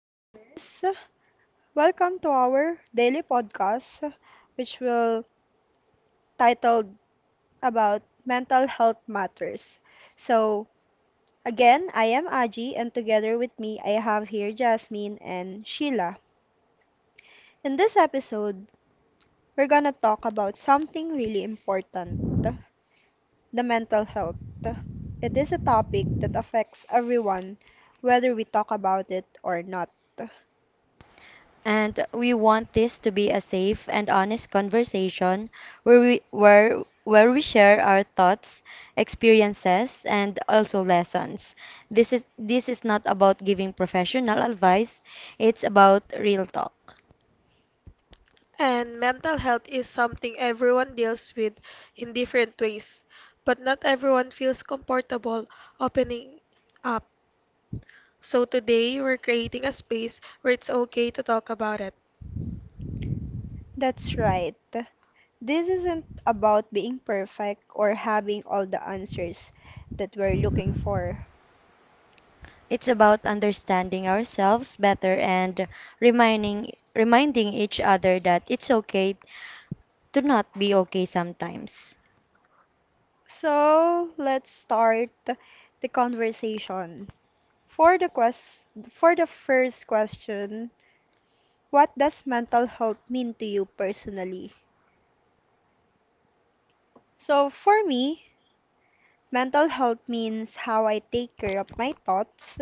listeners. Welcome to our daily podcast, which will titled about mental health matters. So, again, I am Aji, and together with me, I have here Jasmine and Sheila. In this episode, we're gonna talk about something really important the mental health. It is a topic that affects everyone, whether we talk about it or not. And we want this to be a safe and honest conversation where we share our thoughts, experiences, and also lessons. This is not about giving professional advice, it's about real talk. And mental health is something everyone deals with in different ways, but not everyone feels comfortable opening up. So today we're creating a space where it's okay to talk about it. That's right. This isn't about being perfect or having all the answers that we're looking for. It's about understanding ourselves better and reminding each other that it's okay to not be okay sometimes. So, let's start the conversation. For the quest for the first question, what does mental health mean to you personally? So, for me, mental health means how I take care of my thoughts,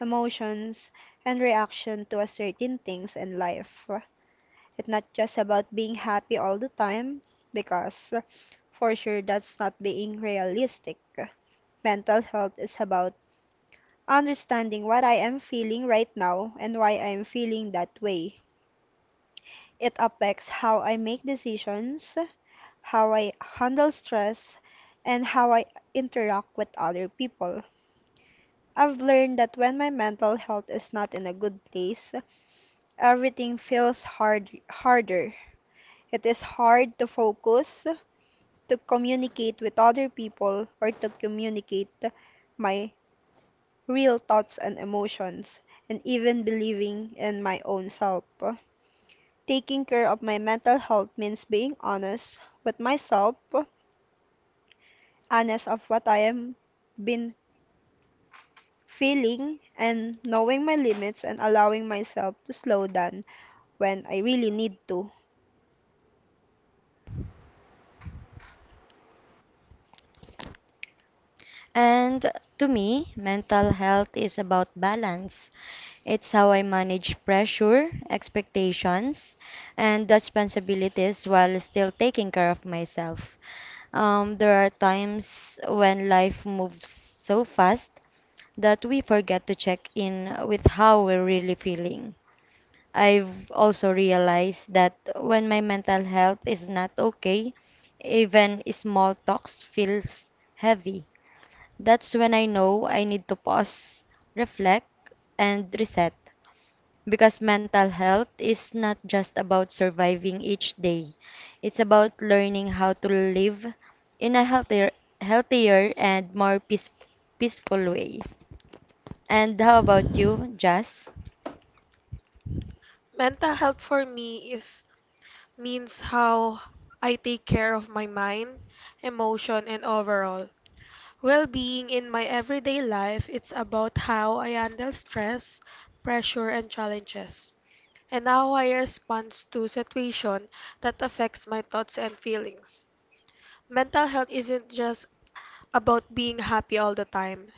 emotions, and reaction to a certain things in life. It's not just about being happy all the time because for sure, that's not being realistic. Mental health is about understanding what I am feeling right now and why I am feeling that way. It affects how I make decisions, how I handle stress, and how I interact with other people. I've learned that when my mental health is not in a good place, everything feels harder. It is hard to focus, to communicate with other people, or to communicate my real thoughts and emotions, and even believing in my own self. Taking care of my mental health means being honest with myself, honest of what I am been feeling, and knowing my limits and allowing myself to slow down when I really need to. And to me, mental health is about balance. It's how I manage pressure, expectations, and responsibilities while still taking care of myself. There are times when life moves so fast that we forget to check in with how we're really feeling. I've also realized that when my mental health is not okay, even small talks feels heavy. That's when I know I need to pause, reflect, and reset. Because mental health is not just about surviving each day. It's about learning how to live in a healthier and more peaceful way. And how about you, Jazz? Mental health for me is means how I take care of my mind, emotion, and overall well-being in my everyday life. It's about how I handle stress, pressure, and challenges. And how I respond to situation that affects my thoughts and feelings. Mental health isn't just about being happy all the time.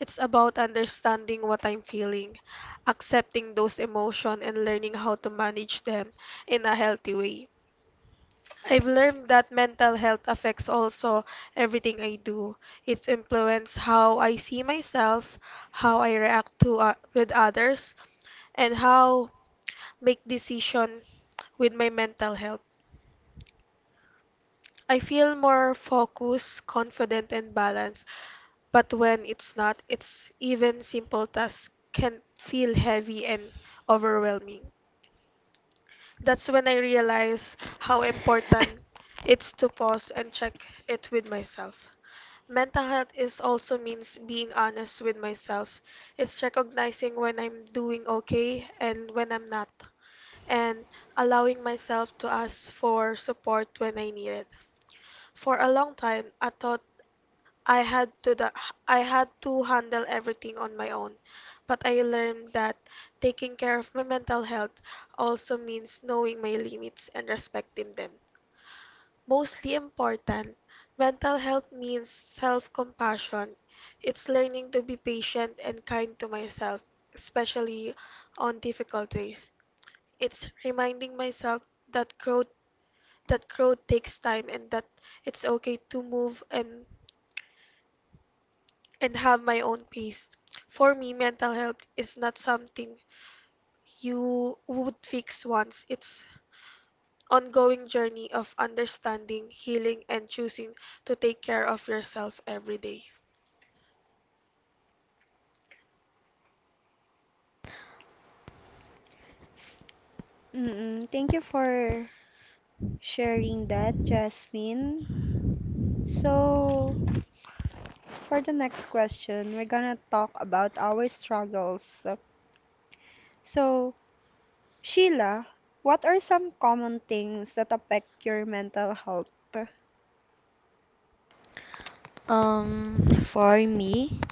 It's about understanding what I'm feeling, accepting those emotions and learning how to manage them in a healthy way. I've learned that mental health affects also everything I do. It's influenced how I see myself, how I react to with others, and how make decision with my mental health. I feel more focused, confident, and balanced. But when it's not, it's even simple tasks can feel heavy and overwhelming. That's when I realize how important it's to pause and check it with myself. Mental health is also means being honest with myself. It's recognizing when I'm doing okay and when I'm not, and allowing myself to ask for support when I need it. For a long time, I thought I had to the I had to handle everything on my own, but I learned that taking care of my mental health also means knowing my limits and respecting them. Mostly important, mental health means self compassion. It's learning to be patient and kind to myself, especially on difficult days. It's reminding myself that growth that growth takes time and that it's okay to move and have my own pace. For me, mental health is not something you would fix once. It's ongoing journey of understanding, healing, and choosing to take care of yourself every day. Mm-mm. Thank you for sharing that, Jasmine. So, for the next question, we're gonna talk about our struggles. So, Sheila, what are some common things that affect your mental health? For me,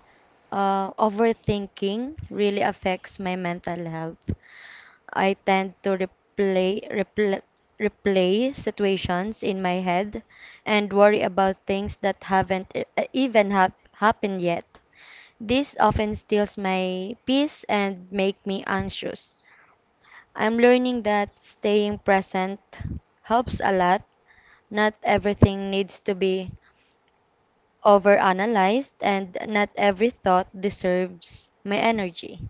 overthinking really affects my mental health. I tend to replay situations in my head and worry about things that haven't even happened yet. This often steals my peace and make me anxious. I'm learning that staying present helps a lot. Not everything needs to be overanalyzed and not every thought deserves my energy.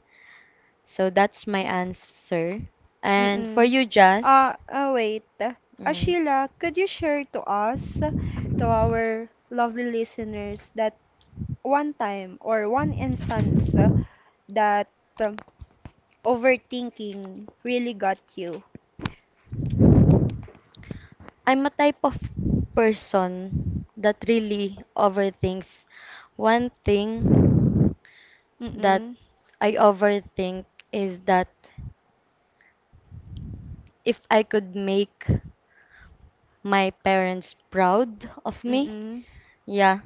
So that's my answer. And for Mm-mm. you, Jazz. Wait. Mm. Sheila, could you share to us, to our lovely listeners, that one time or one instance that um, overthinking really got you? I'm a type of person that really overthinks. One thing that Mm-mm. I overthink is that if I could make my parents proud of me. Mm-mm. Yeah,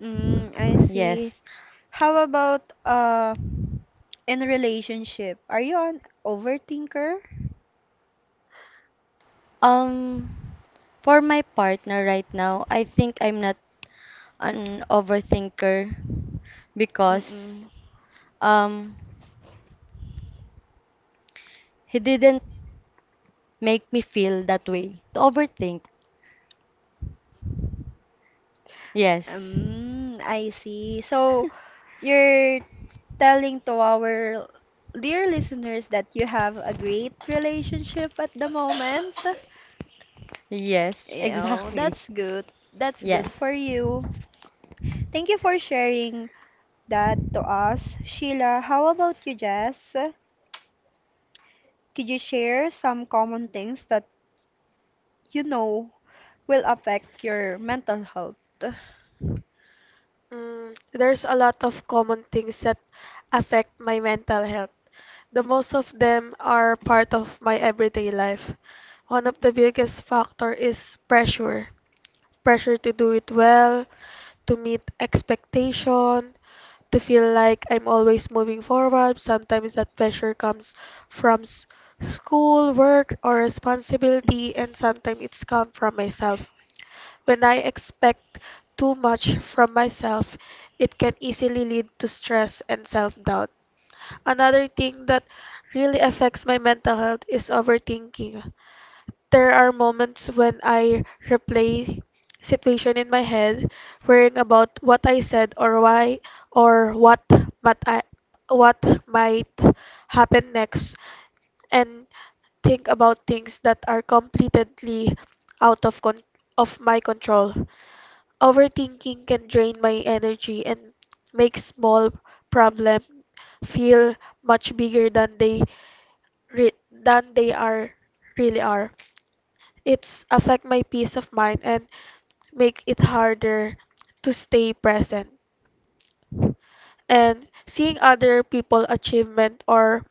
Mm, I see. yes. How about in relationship? Are you an overthinker? Um, for my partner right now, I think I'm not an overthinker because Mm-mm. um he didn't make me feel that way to overthink. Yes. I see. So you're telling to our dear listeners that you have a great relationship at the moment. Yes, Yeah, exactly. that's good. That's good Yes. for you. Thank you for sharing that to us. Sheila, how about you, Jess? Could you share some common things that you know will affect your mental health? There's a lot of common things that affect my mental health. The most of them are part of my everyday life. One of the biggest factor is pressure. Pressure to do it well, to meet expectation, to feel like I'm always moving forward. Sometimes that pressure comes from school, work, or responsibility, and sometimes it's come from myself. When I expect too much from myself, it can easily lead to stress and self-doubt. Another thing that really affects my mental health is overthinking. There are moments when I replay situation in my head, worrying about what I said or why or might I, what might happen next, and think about things that are completely out of con- of my control. Overthinking can drain my energy and make small problems feel much bigger than than they are really are. It's affect my peace of mind and make it harder to stay present. And seeing other people achievement or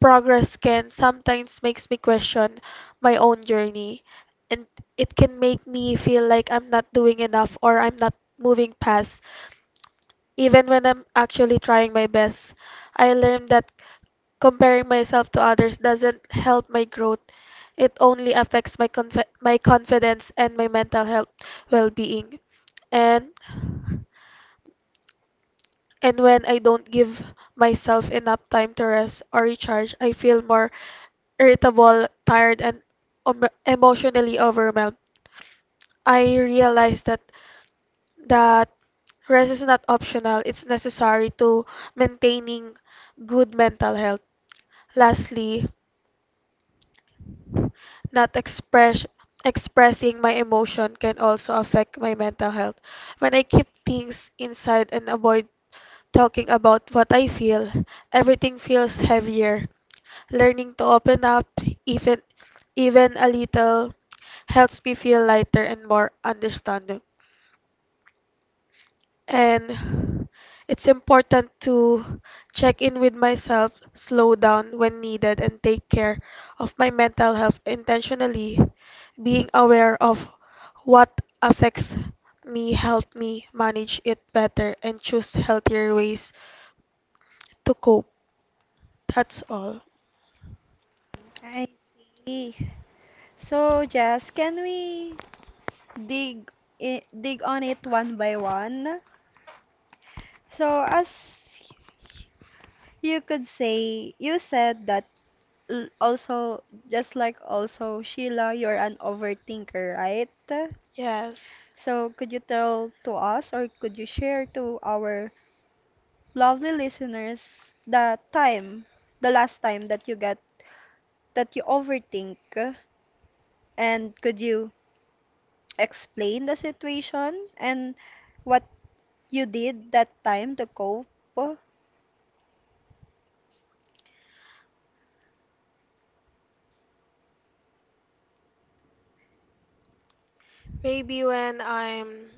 progress can sometimes makes me question my own journey and it can make me feel like I'm not doing enough or I'm not moving past even when I'm actually trying my best. I learned that comparing myself to others doesn't help my growth. It only affects my confidence and my mental health well-being. And and when I don't give myself enough time to rest or recharge, I feel more irritable, tired, and emotionally overwhelmed. I realize that rest is not optional, it's necessary to maintaining good mental health. Lastly, not express expressing my emotion can also affect my mental health. When I keep things inside and avoid talking about what I feel, everything feels heavier. Learning to open up even even a little helps me feel lighter and more understanding. And it's important to check in with myself, slow down when needed, and take care of my mental health intentionally. Being aware of what affects me help me manage it better and choose healthier ways to cope. That's all. I see. So, Jess, can we dig dig on it one by one. So as you could say, you said that l- also just like also Sheila, you're an overthinker, right? Yes. So could you tell to us or could you share to our lovely listeners the time, the last time that you get that you overthink and could you explain the situation and what you did that time to cope? Maybe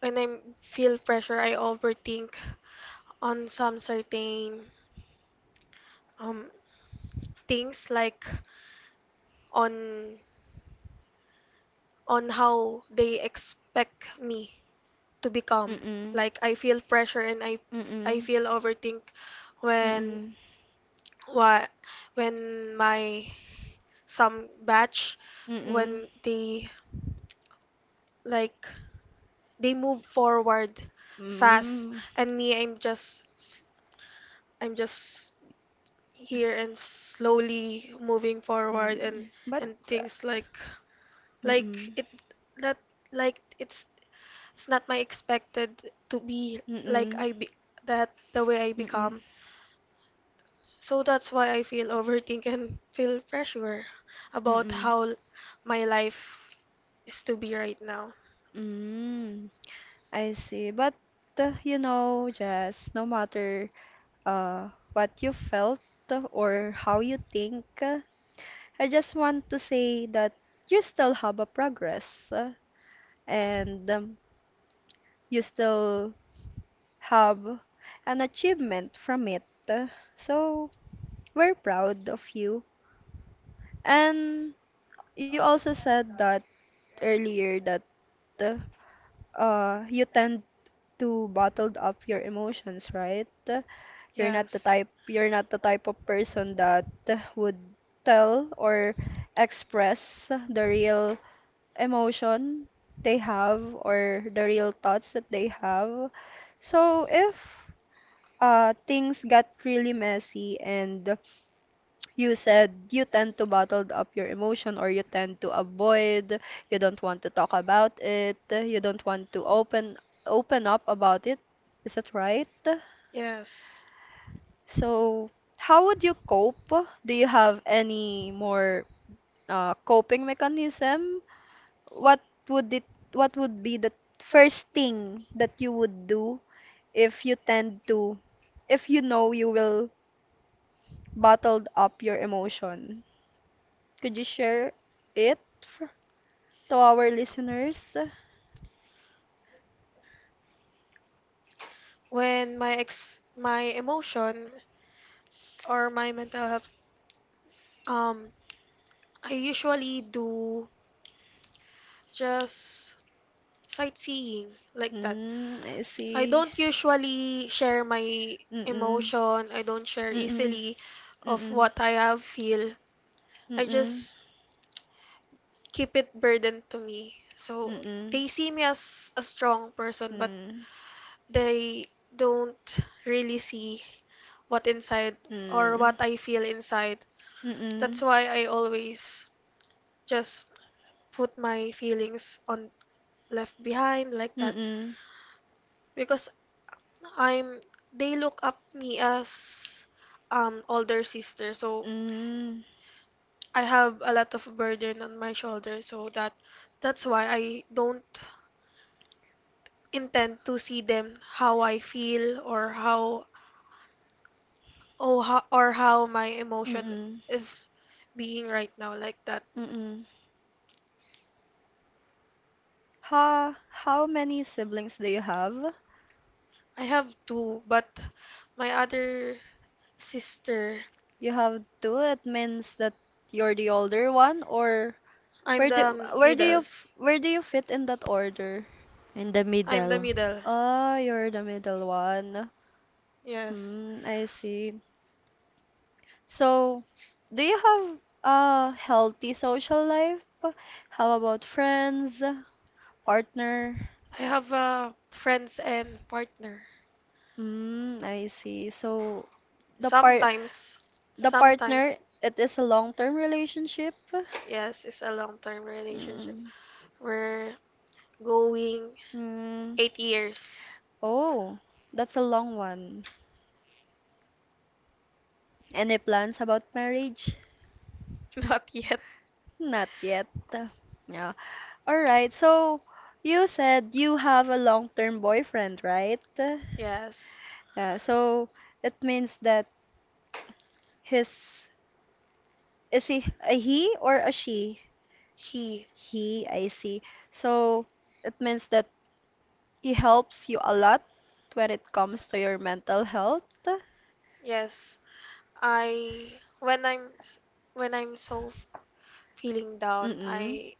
when I feel pressure, I overthink on some certain um, things like on on how they expect me to become. Mm-mm. Like I feel pressure and I Mm-mm. feel overthink when Mm-mm. what when my some batch Mm-mm. when they like they move forward fast Mm. and me I'm just here and slowly moving forward Mm. But and uh, things like mm-mm. it that like it's not my expected to be like Mm-mm. I be that the way I Mm-mm. become. So that's why I feel overthink and feel pressure about Mm-mm. how my life is to be right now. Mm. I see. But you know, Jess, no matter what you felt or how you think, I just want to say that you still have a progress. uh, And you still have an achievement from it. So we're proud of you. And you also said that earlier that you tend to bottled up your emotions, right? Yes. You're not the type of person that would tell or express the real emotion they have or the real thoughts that they have. So if things got really messy and you said you tend to bottle up your emotion or you tend to avoid, you don't want to talk about it, you don't want to open up about it. Is that right? Yes. So, how would you cope? Do you have any more coping mechanism? What would it, what would be the first thing that you would do if you tend to, if you know you will bottled up your emotion? Could you share it f- to our listeners? Like When my emotion or my mental health um I usually do just sightseeing like that. mm, I I see. don't usually share my Mm-mm. emotion. I don't share Mm-mm. easily of Mm-mm. what I have feel. I I Mm-mm. just keep it burden to me. So Mm-mm. they see me as a strong I person, but am they don't really see what inside Mm. or or what Mm. I feel inside. That's Mm-mm. why I always just put my feelings on left behind like that. Mm-mm. Because I'm they look up me as older sister so Mm. I have a lot of burden on my shoulder so that's why I don't intend to see them how I feel or or how my emotion is being right now like that. Mm-mm. Mm-mm. Ha, how many siblings do you have? I have two but my other sister You have two. It means that you're the older one, or I'm where do the where do you middles where do you fit in that order? In the I'm the middle. middle. Ah, you're the middle one. Yes, Hmm, I see. So, do you have a healthy social life? How about friends, partner? I have friends and partner. Hmm, I see. So the part Sometimes, the sometimes, partner it is a long-term relationship. yes, it's a long-term relationship. Hmm. We're going Hmm. 8 years. Oh, that's a long one. Any plans about marriage? Not yet. Not yet. Yeah. All right. So you said you have a long-term boyfriend, right? Yes, Yeah. So it means that his is he a he or a she? he. He, I see. So it means that he helps you a lot when it comes to your mental health. Yes, I. When when feeling down, Mm-mm.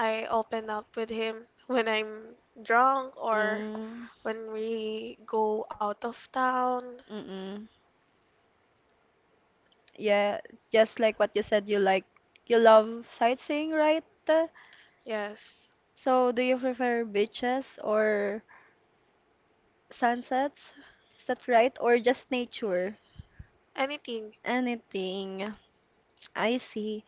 I open up with him. When I'm drunk or Mm, when we go out of town. mm-mm. Yeah, just like what you said, you love sightseeing, right? Yes, So, do you prefer beaches or sunsets? Is that right? Or just nature? anything. Anything. I see.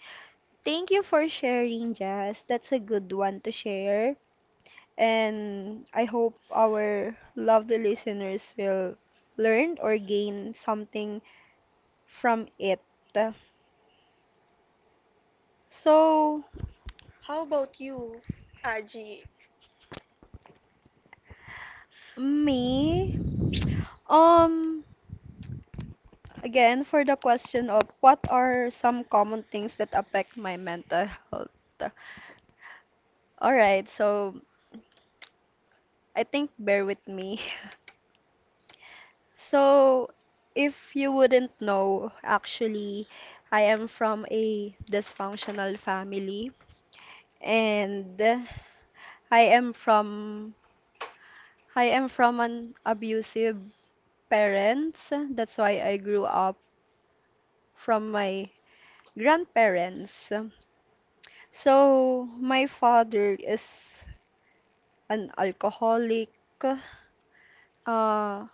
Thank you for sharing, Jazz. That's a good one to share. And I hope our lovely listeners will learn or gain something from it. So, How about you, Aji? me, um, again for the question of what are some common things that affect my mental health. All right, so I think bear with me. So, if you wouldn't know, actually, I am from a dysfunctional family and I am from I am from an abusive parents. That's why I grew up from my grandparents. So, my father is an alcoholic, uh,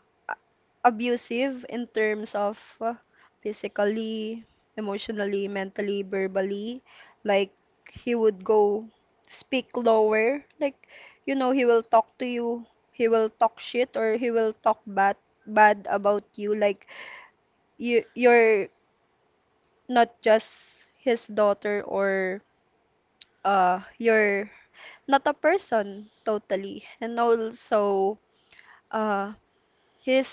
abusive in terms of physically, emotionally, mentally, verbally. Like he would go speak lower. Like, you know, he will talk to you. He will talk shit or he will talk bad about you. Like you're not just his daughter or you're not a person totally. And also uh he's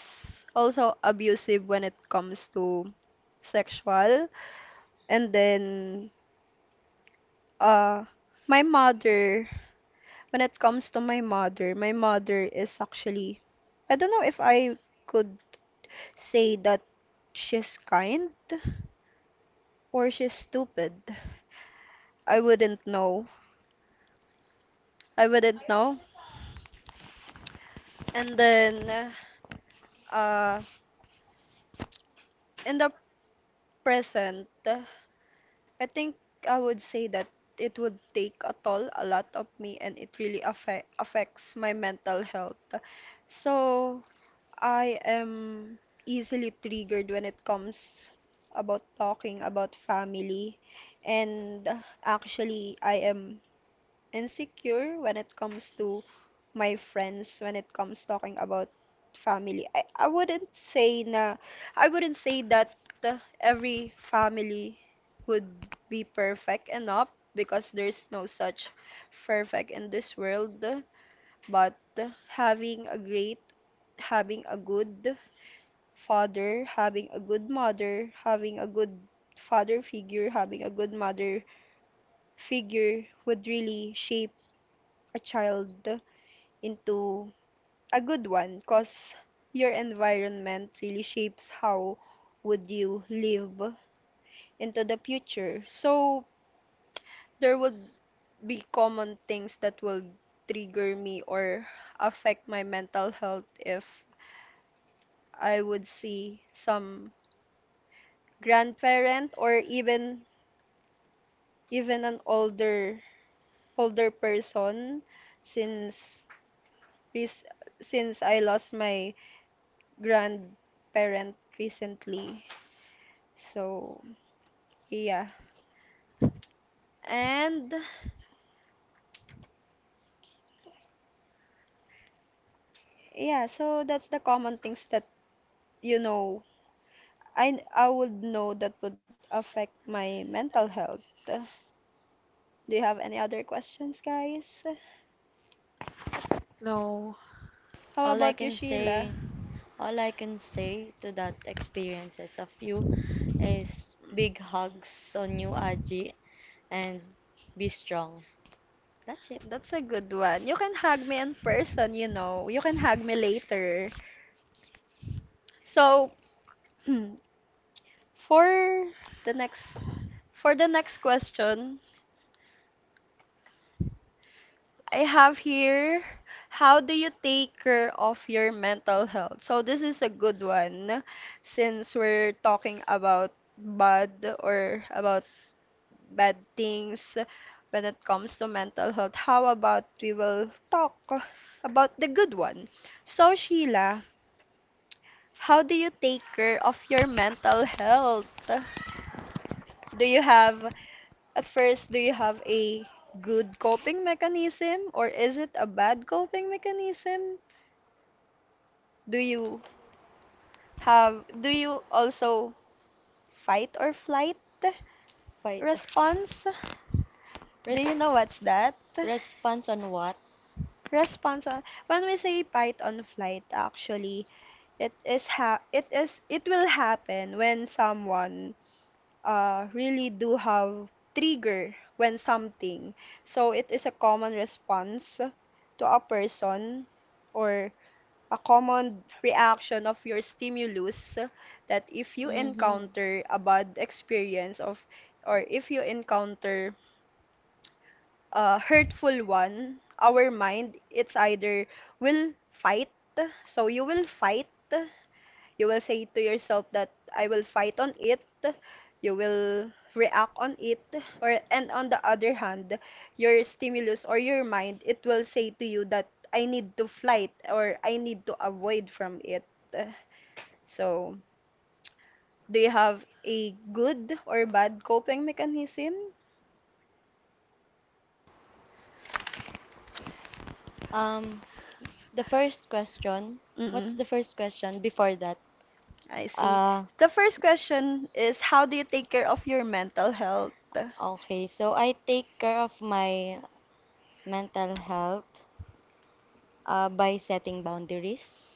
also abusive when it comes to sexual. And then, uh, my mother, when it comes to my mother is actually, I don't know if I could say that she's kind or she's stupid. I wouldn't know. I wouldn't know. And then, uh, in the present, I think I would say that it would take a toll, a lot of me, and it really affects my mental health. So I am easily triggered when it comes about talking about family, and actually I am insecure when it comes to my friends when it comes talking about family. I wouldn't say that every family would be perfect enough because there's no such perfect in this world, but having a great having a good father, having a good mother, having a good father figure, having a good mother figure would really shape a child into a good one because your environment really shapes how would you live into the future. So there would be common things that will trigger me or affect my mental health if I would see some grandparent or even an older person since rec- since I lost my grandparent recently. So yeah. And yeah, so that's the common things that you know I would know that would affect my mental health. Do you have any other questions, guys? No. How All I about you, can Sheila? say, all I can say to that experiences of you is Mm, big hugs on you, Aji, and be strong. That's it. that's a good one. You can hug me in person, you know. You can hug me later. So, for the next for the next question, I have here, how do you take care of your mental health? So this is a good one since we're talking about bad or about bad things when it comes to mental health. How about we will talk about the good one? So Sheila, how do you take care of your mental health? Do you have at first, do you have a good coping mechanism or is it a bad coping mechanism? Do you do you also fight or flight Fight or flight. response? Do Res- you know what's that? response on what? Response on, when we say fight on flight actually it is it will happen when someone really do have trigger when something. So it is a common response to a person or a common reaction of your stimulus that if you Mm-hmm. encounter a bad experience of or if you encounter a hurtful one, our mind it's either will fight, so you will say to yourself that I will fight on it, you will react on it, or and on the other hand, your stimulus or your mind, it will say to you that I need to flight or I need to avoid from it. So, do you have a good or bad coping mechanism? Um, the first question, what's Mm-mm, the first question before that? I see. Uh, The first question is how do you take care of your mental health? okay. So I take care of my mental health by setting boundaries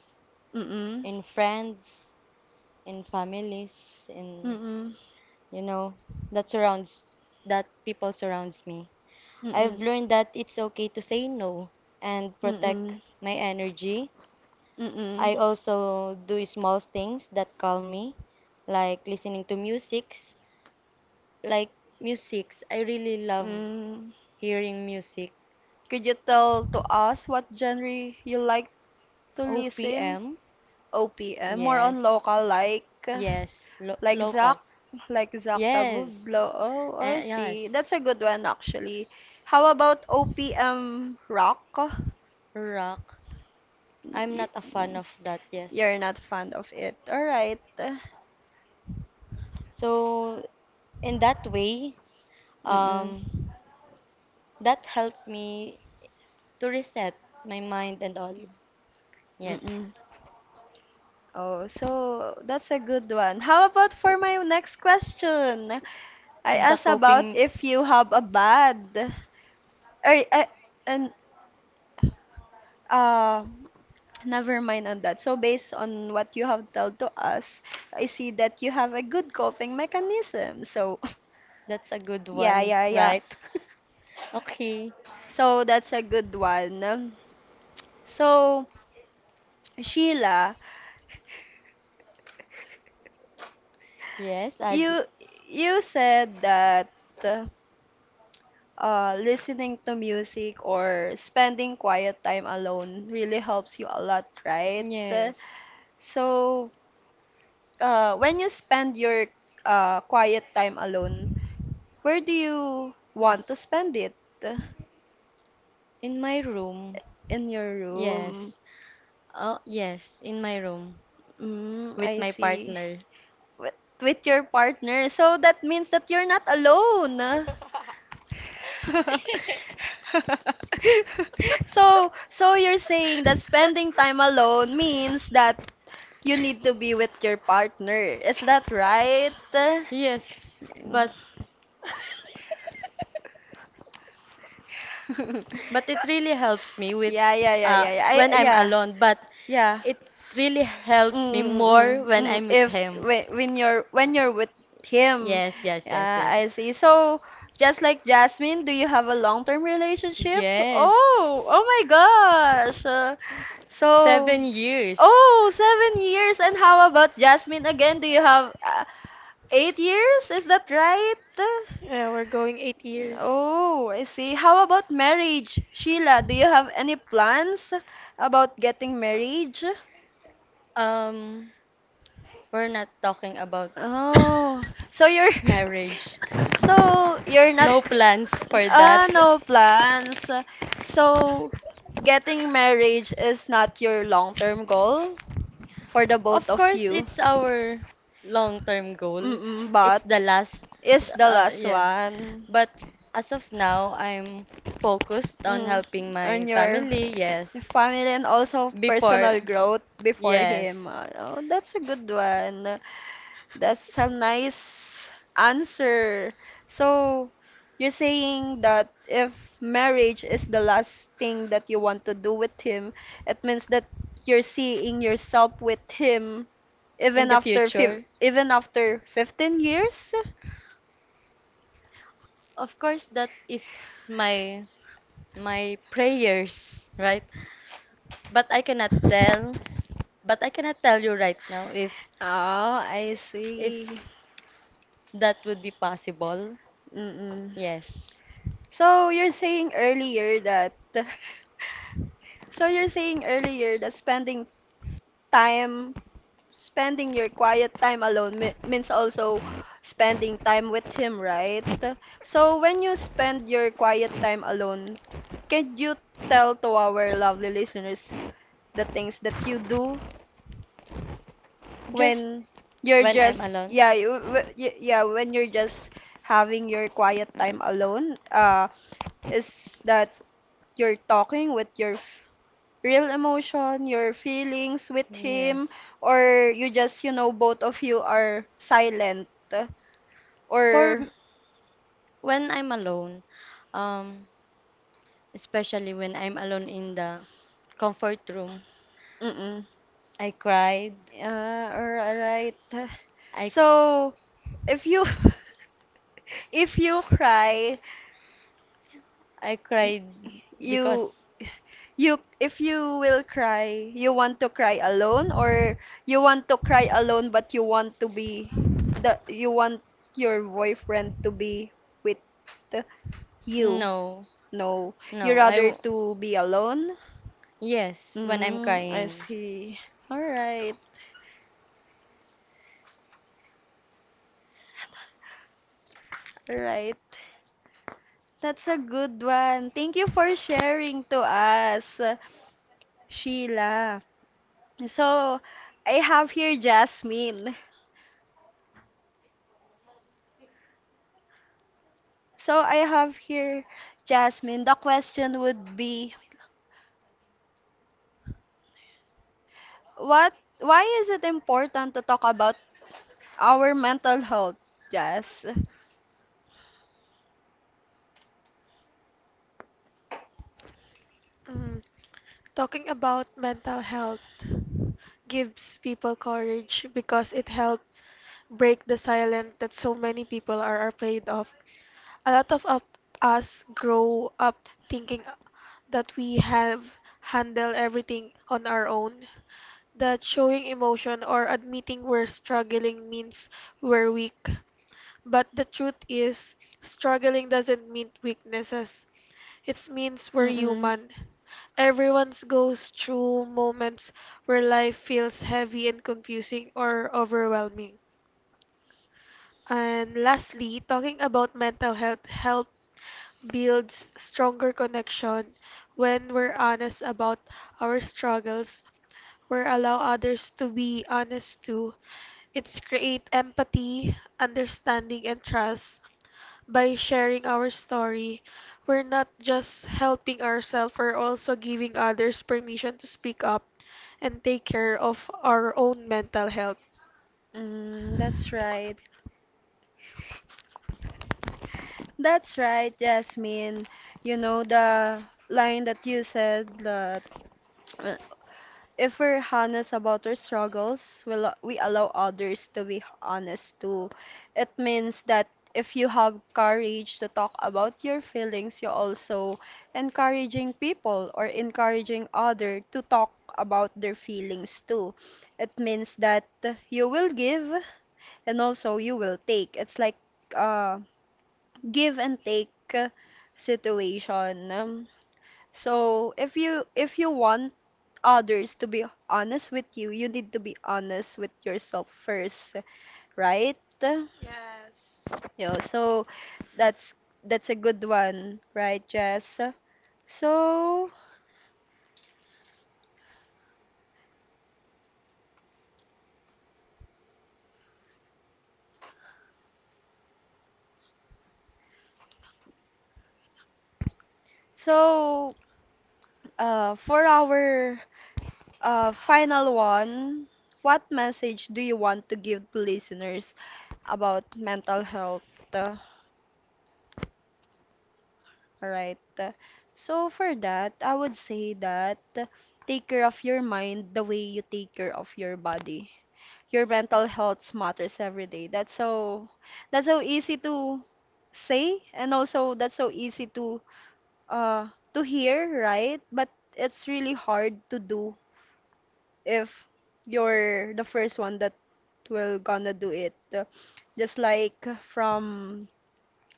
Mm-mm, in friends, in families, in, mm-mm, you know, that surrounds, that people surrounds me. I've mm-mm, learned that it's okay to say no and protect mm-mm. my energy. Mm-mm. I also do small things that calm me, like listening to musics. Like musics, I really love Mm. hearing music. Could you tell to us what genre you like to listen? OPM, OPM, more on yes, local, yes, like Zach, local, like Zach yes. Tabuglo. Oh, I Eh, see. yes, That's a good one actually. How about OPM rock? rock. I'm You, not a fan of that. Yes. you're not fond of it. All right. So in that way, Mm-mm. um, that helped me to reset my mind and all. Yes. Mm-mm. Oh, so that's a good one. How about for my next question? I The asked about coping, if you have a bad or and uh never mind on that. So based on what you have told to us, I see that you have a good coping mechanism. So that's a good yeah, one, yeah, yeah. right? Okay. So that's a good one. So Sheila, Yes, Aji. you you said that uh, listening to music or spending quiet time alone really helps you a lot, right? Yes. So, when you spend your quiet time alone, where do you want Is- to spend it? In my room. In your room. Yes. Oh, yes, in my room Mm, with I my see. partner. With, with your partner. So that means that you're not alone. So you're saying that spending time alone means that you need to be with your partner. Is that right? Yes. But but it really helps me with Yeah, yeah, yeah, yeah, yeah. I, when I'm yeah, alone. But yeah. it really Mm, helps me mm, mm, more mm, when mm. I'm with If him. when, when you're When you're with him, Yes, yes, yes, yeah, yes. I see. So, just like Jasmine, do you have a long-term relationship? Yes. Oh, oh my gosh. So, 7 years. oh, 7 years. And how about Jasmine again? Do you have 8 years? Is that right? Yeah, we're going 8 years. Oh, I see. How about marriage? Sheila, do you have any plans about getting married? Um, we're not talking about Oh, so you're marriage. so you're not No plans for that. ah no plans. So getting marriage is not your long-term goal for the both Of of course, you. it's our long-term goal. Mm-mm, It's but the last, is the last yeah. one But as of now, I'm focused on mm, helping my on your family, the yes. family and also personal Before, growth before him. yes. Oh, that's a good one. That's a nice answer. So, you're saying that if marriage is the last thing that you want to do with him, it means that you're seeing yourself with him In the future. even after 15 years? Of course, that is my my prayers, right? But I cannot tell, but I cannot tell you right now Oh, I see. if that would be possible. Mm-mm. Yes. So, you're saying earlier that so you're saying earlier that time, spending your quiet time alone me means also spending time with him, right? So when you spend your quiet time alone, can you tell to our lovely listeners the things that you do Just when you're when I'm just, alone? yeah, you- w- y- yeah, when you're just having your quiet time alone? Is that you're talking with your real emotion, your feelings with him, Yes. or you just, you know, both of you are silent For or m- when I'm alone, um, especially when I'm alone in the comfort room, mm-mm. I cried. Yeah, or alright. I So, if you if you cry, I y- cried you because you if you will cry, you want to cry alone or you want to cry alone but you want to be the you want your boyfriend to be with you. no, No, you no, I rather w- to be alone? yes, when I'm Mm, I crying. see. All right, all right. That's a good one. Thank you for sharing to us, Sheila. So, I have here Jasmine. So, I have here Jasmine. The question would be, what, why is it important to talk about our mental health, Jas? Mm. Talking about mental health gives people courage because it helps break the silence that so many people are afraid of. A lot of us grow up thinking that we have handled everything on our own, that showing emotion or admitting we're struggling means we're weak. But the truth is, struggling doesn't mean weaknesses. It means we're Mm-mm. human. Everyone's goes through moments where life feels heavy and confusing or overwhelming. And lastly, talking about mental health helps builds stronger connection. When we're honest about our struggles, we allow others to be honest too. It's create empathy, understanding and trust. By sharing our story, we're not just helping ourselves, we're also giving others permission to speak up and take care of our own mental health. Mm, that's right. That's right, Jasmine. You know, the line that you said that if we're honest about our struggles, we allow others to be honest too. It means that if you have courage to talk about your feelings, you also encouraging people or encouraging other to talk about their feelings too. It means that you will give and also you will take. It's like uh give and take situation. So if you want others to be honest with you, you need to be honest with yourself first, right? Yes, Yeah, so that's that's a good one, right, Jess? So so for our final one, what message do you want to give to listeners about mental health? All right. So for that, I would say that take care of your mind the way you take care of your body. Your mental health matters every day. That's so easy to say and also that's so easy to hear, right? But it's really hard to do if you're the first one that will gonna do it. Just like from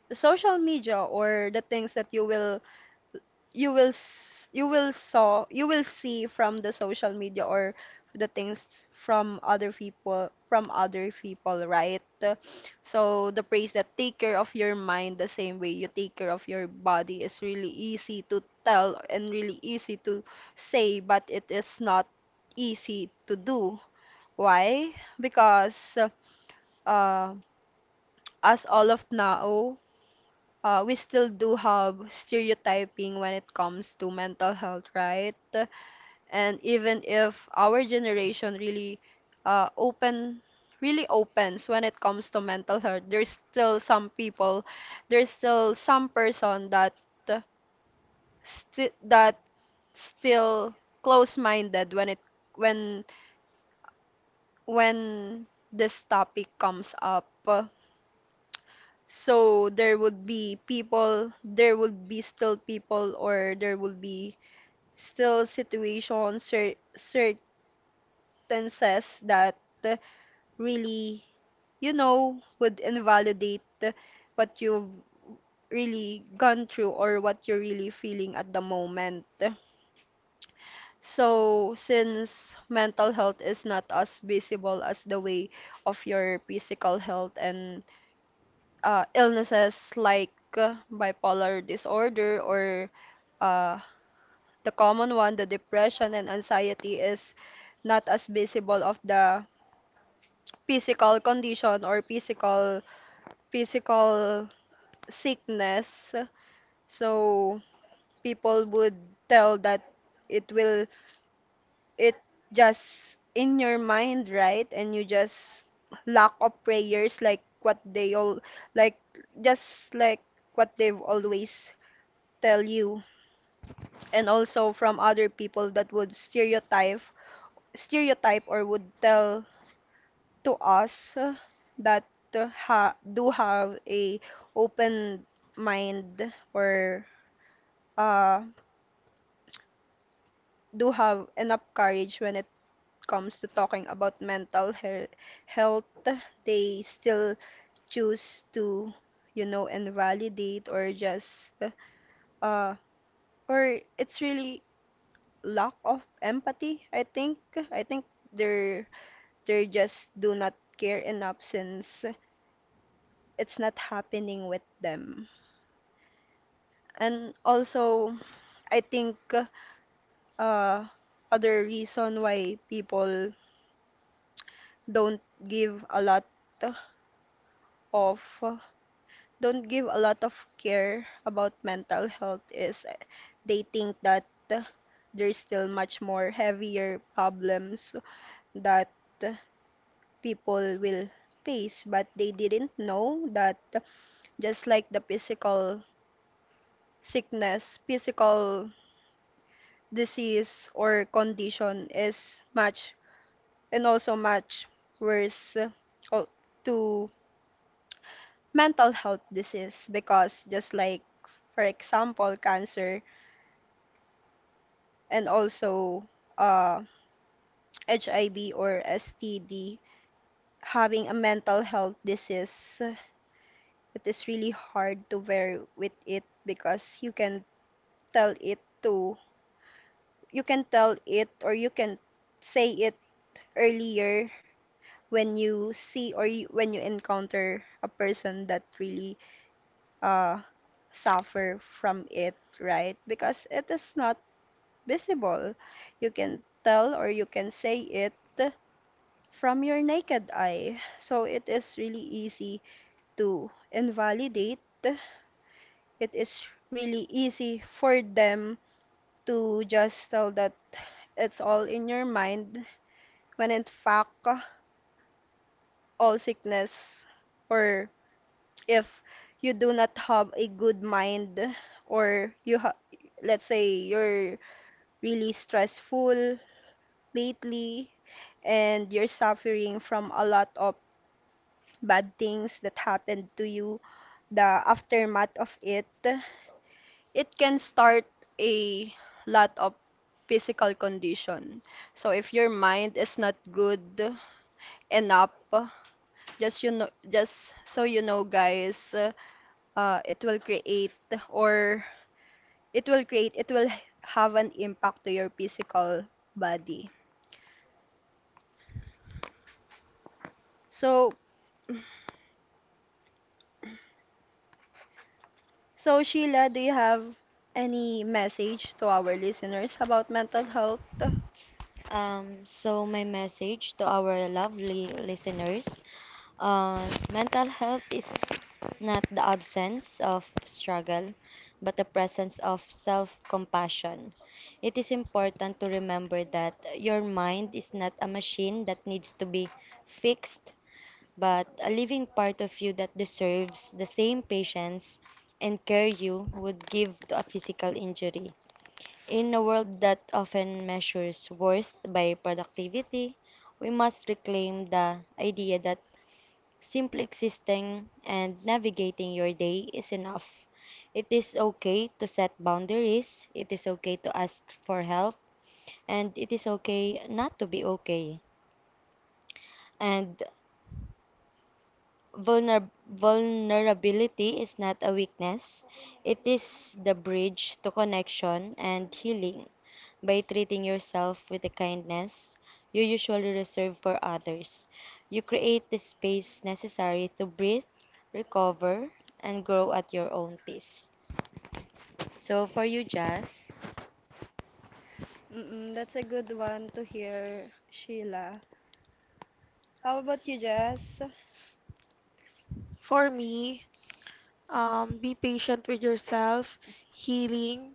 the social media or the things that you will s- you will saw you will see from the social media or the things from other people right, so the phrase that take care of your mind the same way you take care of your body is really easy to tell and really easy to say, but it is not easy to do, why? Because uh, as all of now, we still do have stereotyping when it comes to mental health, right? And even if our generation really open really opens when it comes to mental health, there's still some people, there's still some person that uh, sti that still close-minded when it when when this topic comes up. So there would be people, there would be still people, or there would be still situations cer circumstances that uh, really, you know, would invalidate what you've really gone through or what you're really feeling at the moment. So, since mental health is not as visible as the way of your physical health, and illnesses like bipolar disorder or uh, the common one, the depression and anxiety is not as visible of the physical condition or physical sickness, so people would tell that it will it just in your mind, right? And you just lack of prayers, like what they all, like just like what they've always tell you. And also from other people that would stereotype or would tell to us that ha do have a open mind or uh do have enough courage when it comes to talking about mental health, they still choose to, you know, invalidate or just, uh, or it's really lack of empathy, I think. I think they're they just do not care enough since it's not happening with them. And also, I think uh, other reason why people don't give a lot of don't give a lot of care about mental health is they think that uh, there's still much more heavier problems that uh, people will face, but they didn't know that just like the physical sickness physical disease or condition is much and also much worse, o- to mental health disease. Because just like for example cancer and also uh, HIV or STD, having a mental health disease, it is really hard to bear with it because you can tell it to, you can tell it or you can say it earlier when when you encounter a person that really uh, suffer from it, right? Because it is not visible. You can tell or you can say it from your naked eye. So it is really easy to invalidate. It is really easy for them to just tell that it's all in your mind, when in fact all sickness or if you do not have a good mind or you ha- let's say you're really stressful lately and you're suffering from a lot of bad things that happened to you, the aftermath of it, it can start a lot of physical condition. So if your mind is not good enough, just you know, just so you know, guys, it will create or it will have an impact to your physical body. So, so Sheila, do you have any message to our listeners about mental health? So, my message to our lovely listeners, mental health is not the absence of struggle, but the presence of self compassion. It is important to remember that your mind is not a machine that needs to be fixed, but a living part of you that deserves the same patience and care you would give to a physical injury. In a world that often measures worth by productivity, we must reclaim the idea that simply existing and navigating your day is enough. It is okay to set boundaries, it is okay to ask for help, and it is okay not to be okay. And vulnerability is not a weakness, it is the bridge to connection and healing. By treating yourself with the kindness you usually reserve for others, you create the space necessary to breathe, recover, and grow at your own pace. So, for you, Jazz, Mm-mm, that's a good one to hear, Sheila. How about you, Jess? for me, be patient with yourself. healing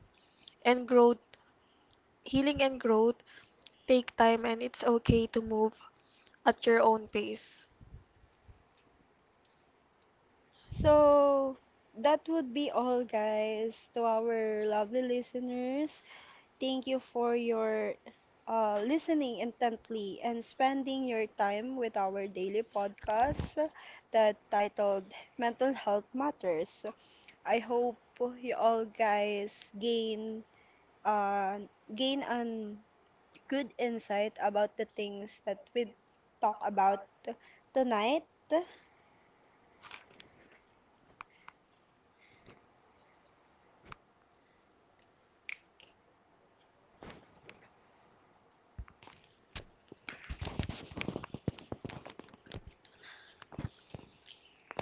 and growth, Healing and growth take time and it's okay to move at your own pace. So, that would be all, guys, to our lovely listeners. Thank you for your listening intently and spending your time with our daily podcast that titled Mental Health Matters. I hope you all guys gain uh, gain an good insight about the things that we talk about tonight.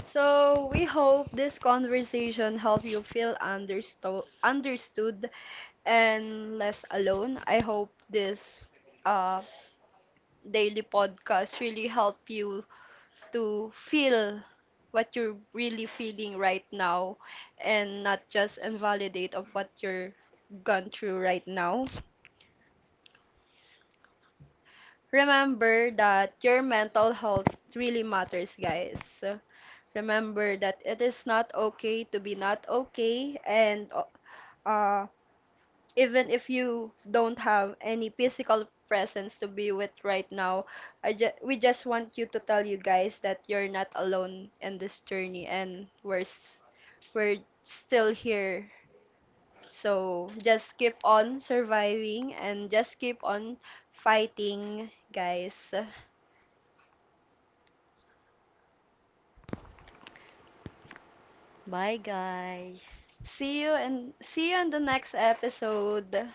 So, we hope this conversation helped you feel understood and less alone. I hope this uh, daily podcast really help you to feel what you're really feeling right now and not just invalidate of what you're gone through right now. Remember that your mental health really matters, guys. Remember that it is not okay to be not okay, and uh, even if you don't have any physical presence to be with right now, I ju we just want you to tell you guys that you're not alone in this journey, and we're still here. So just keep on surviving and just keep on fighting, guys. bye, guys. See you, and see you on the next episode.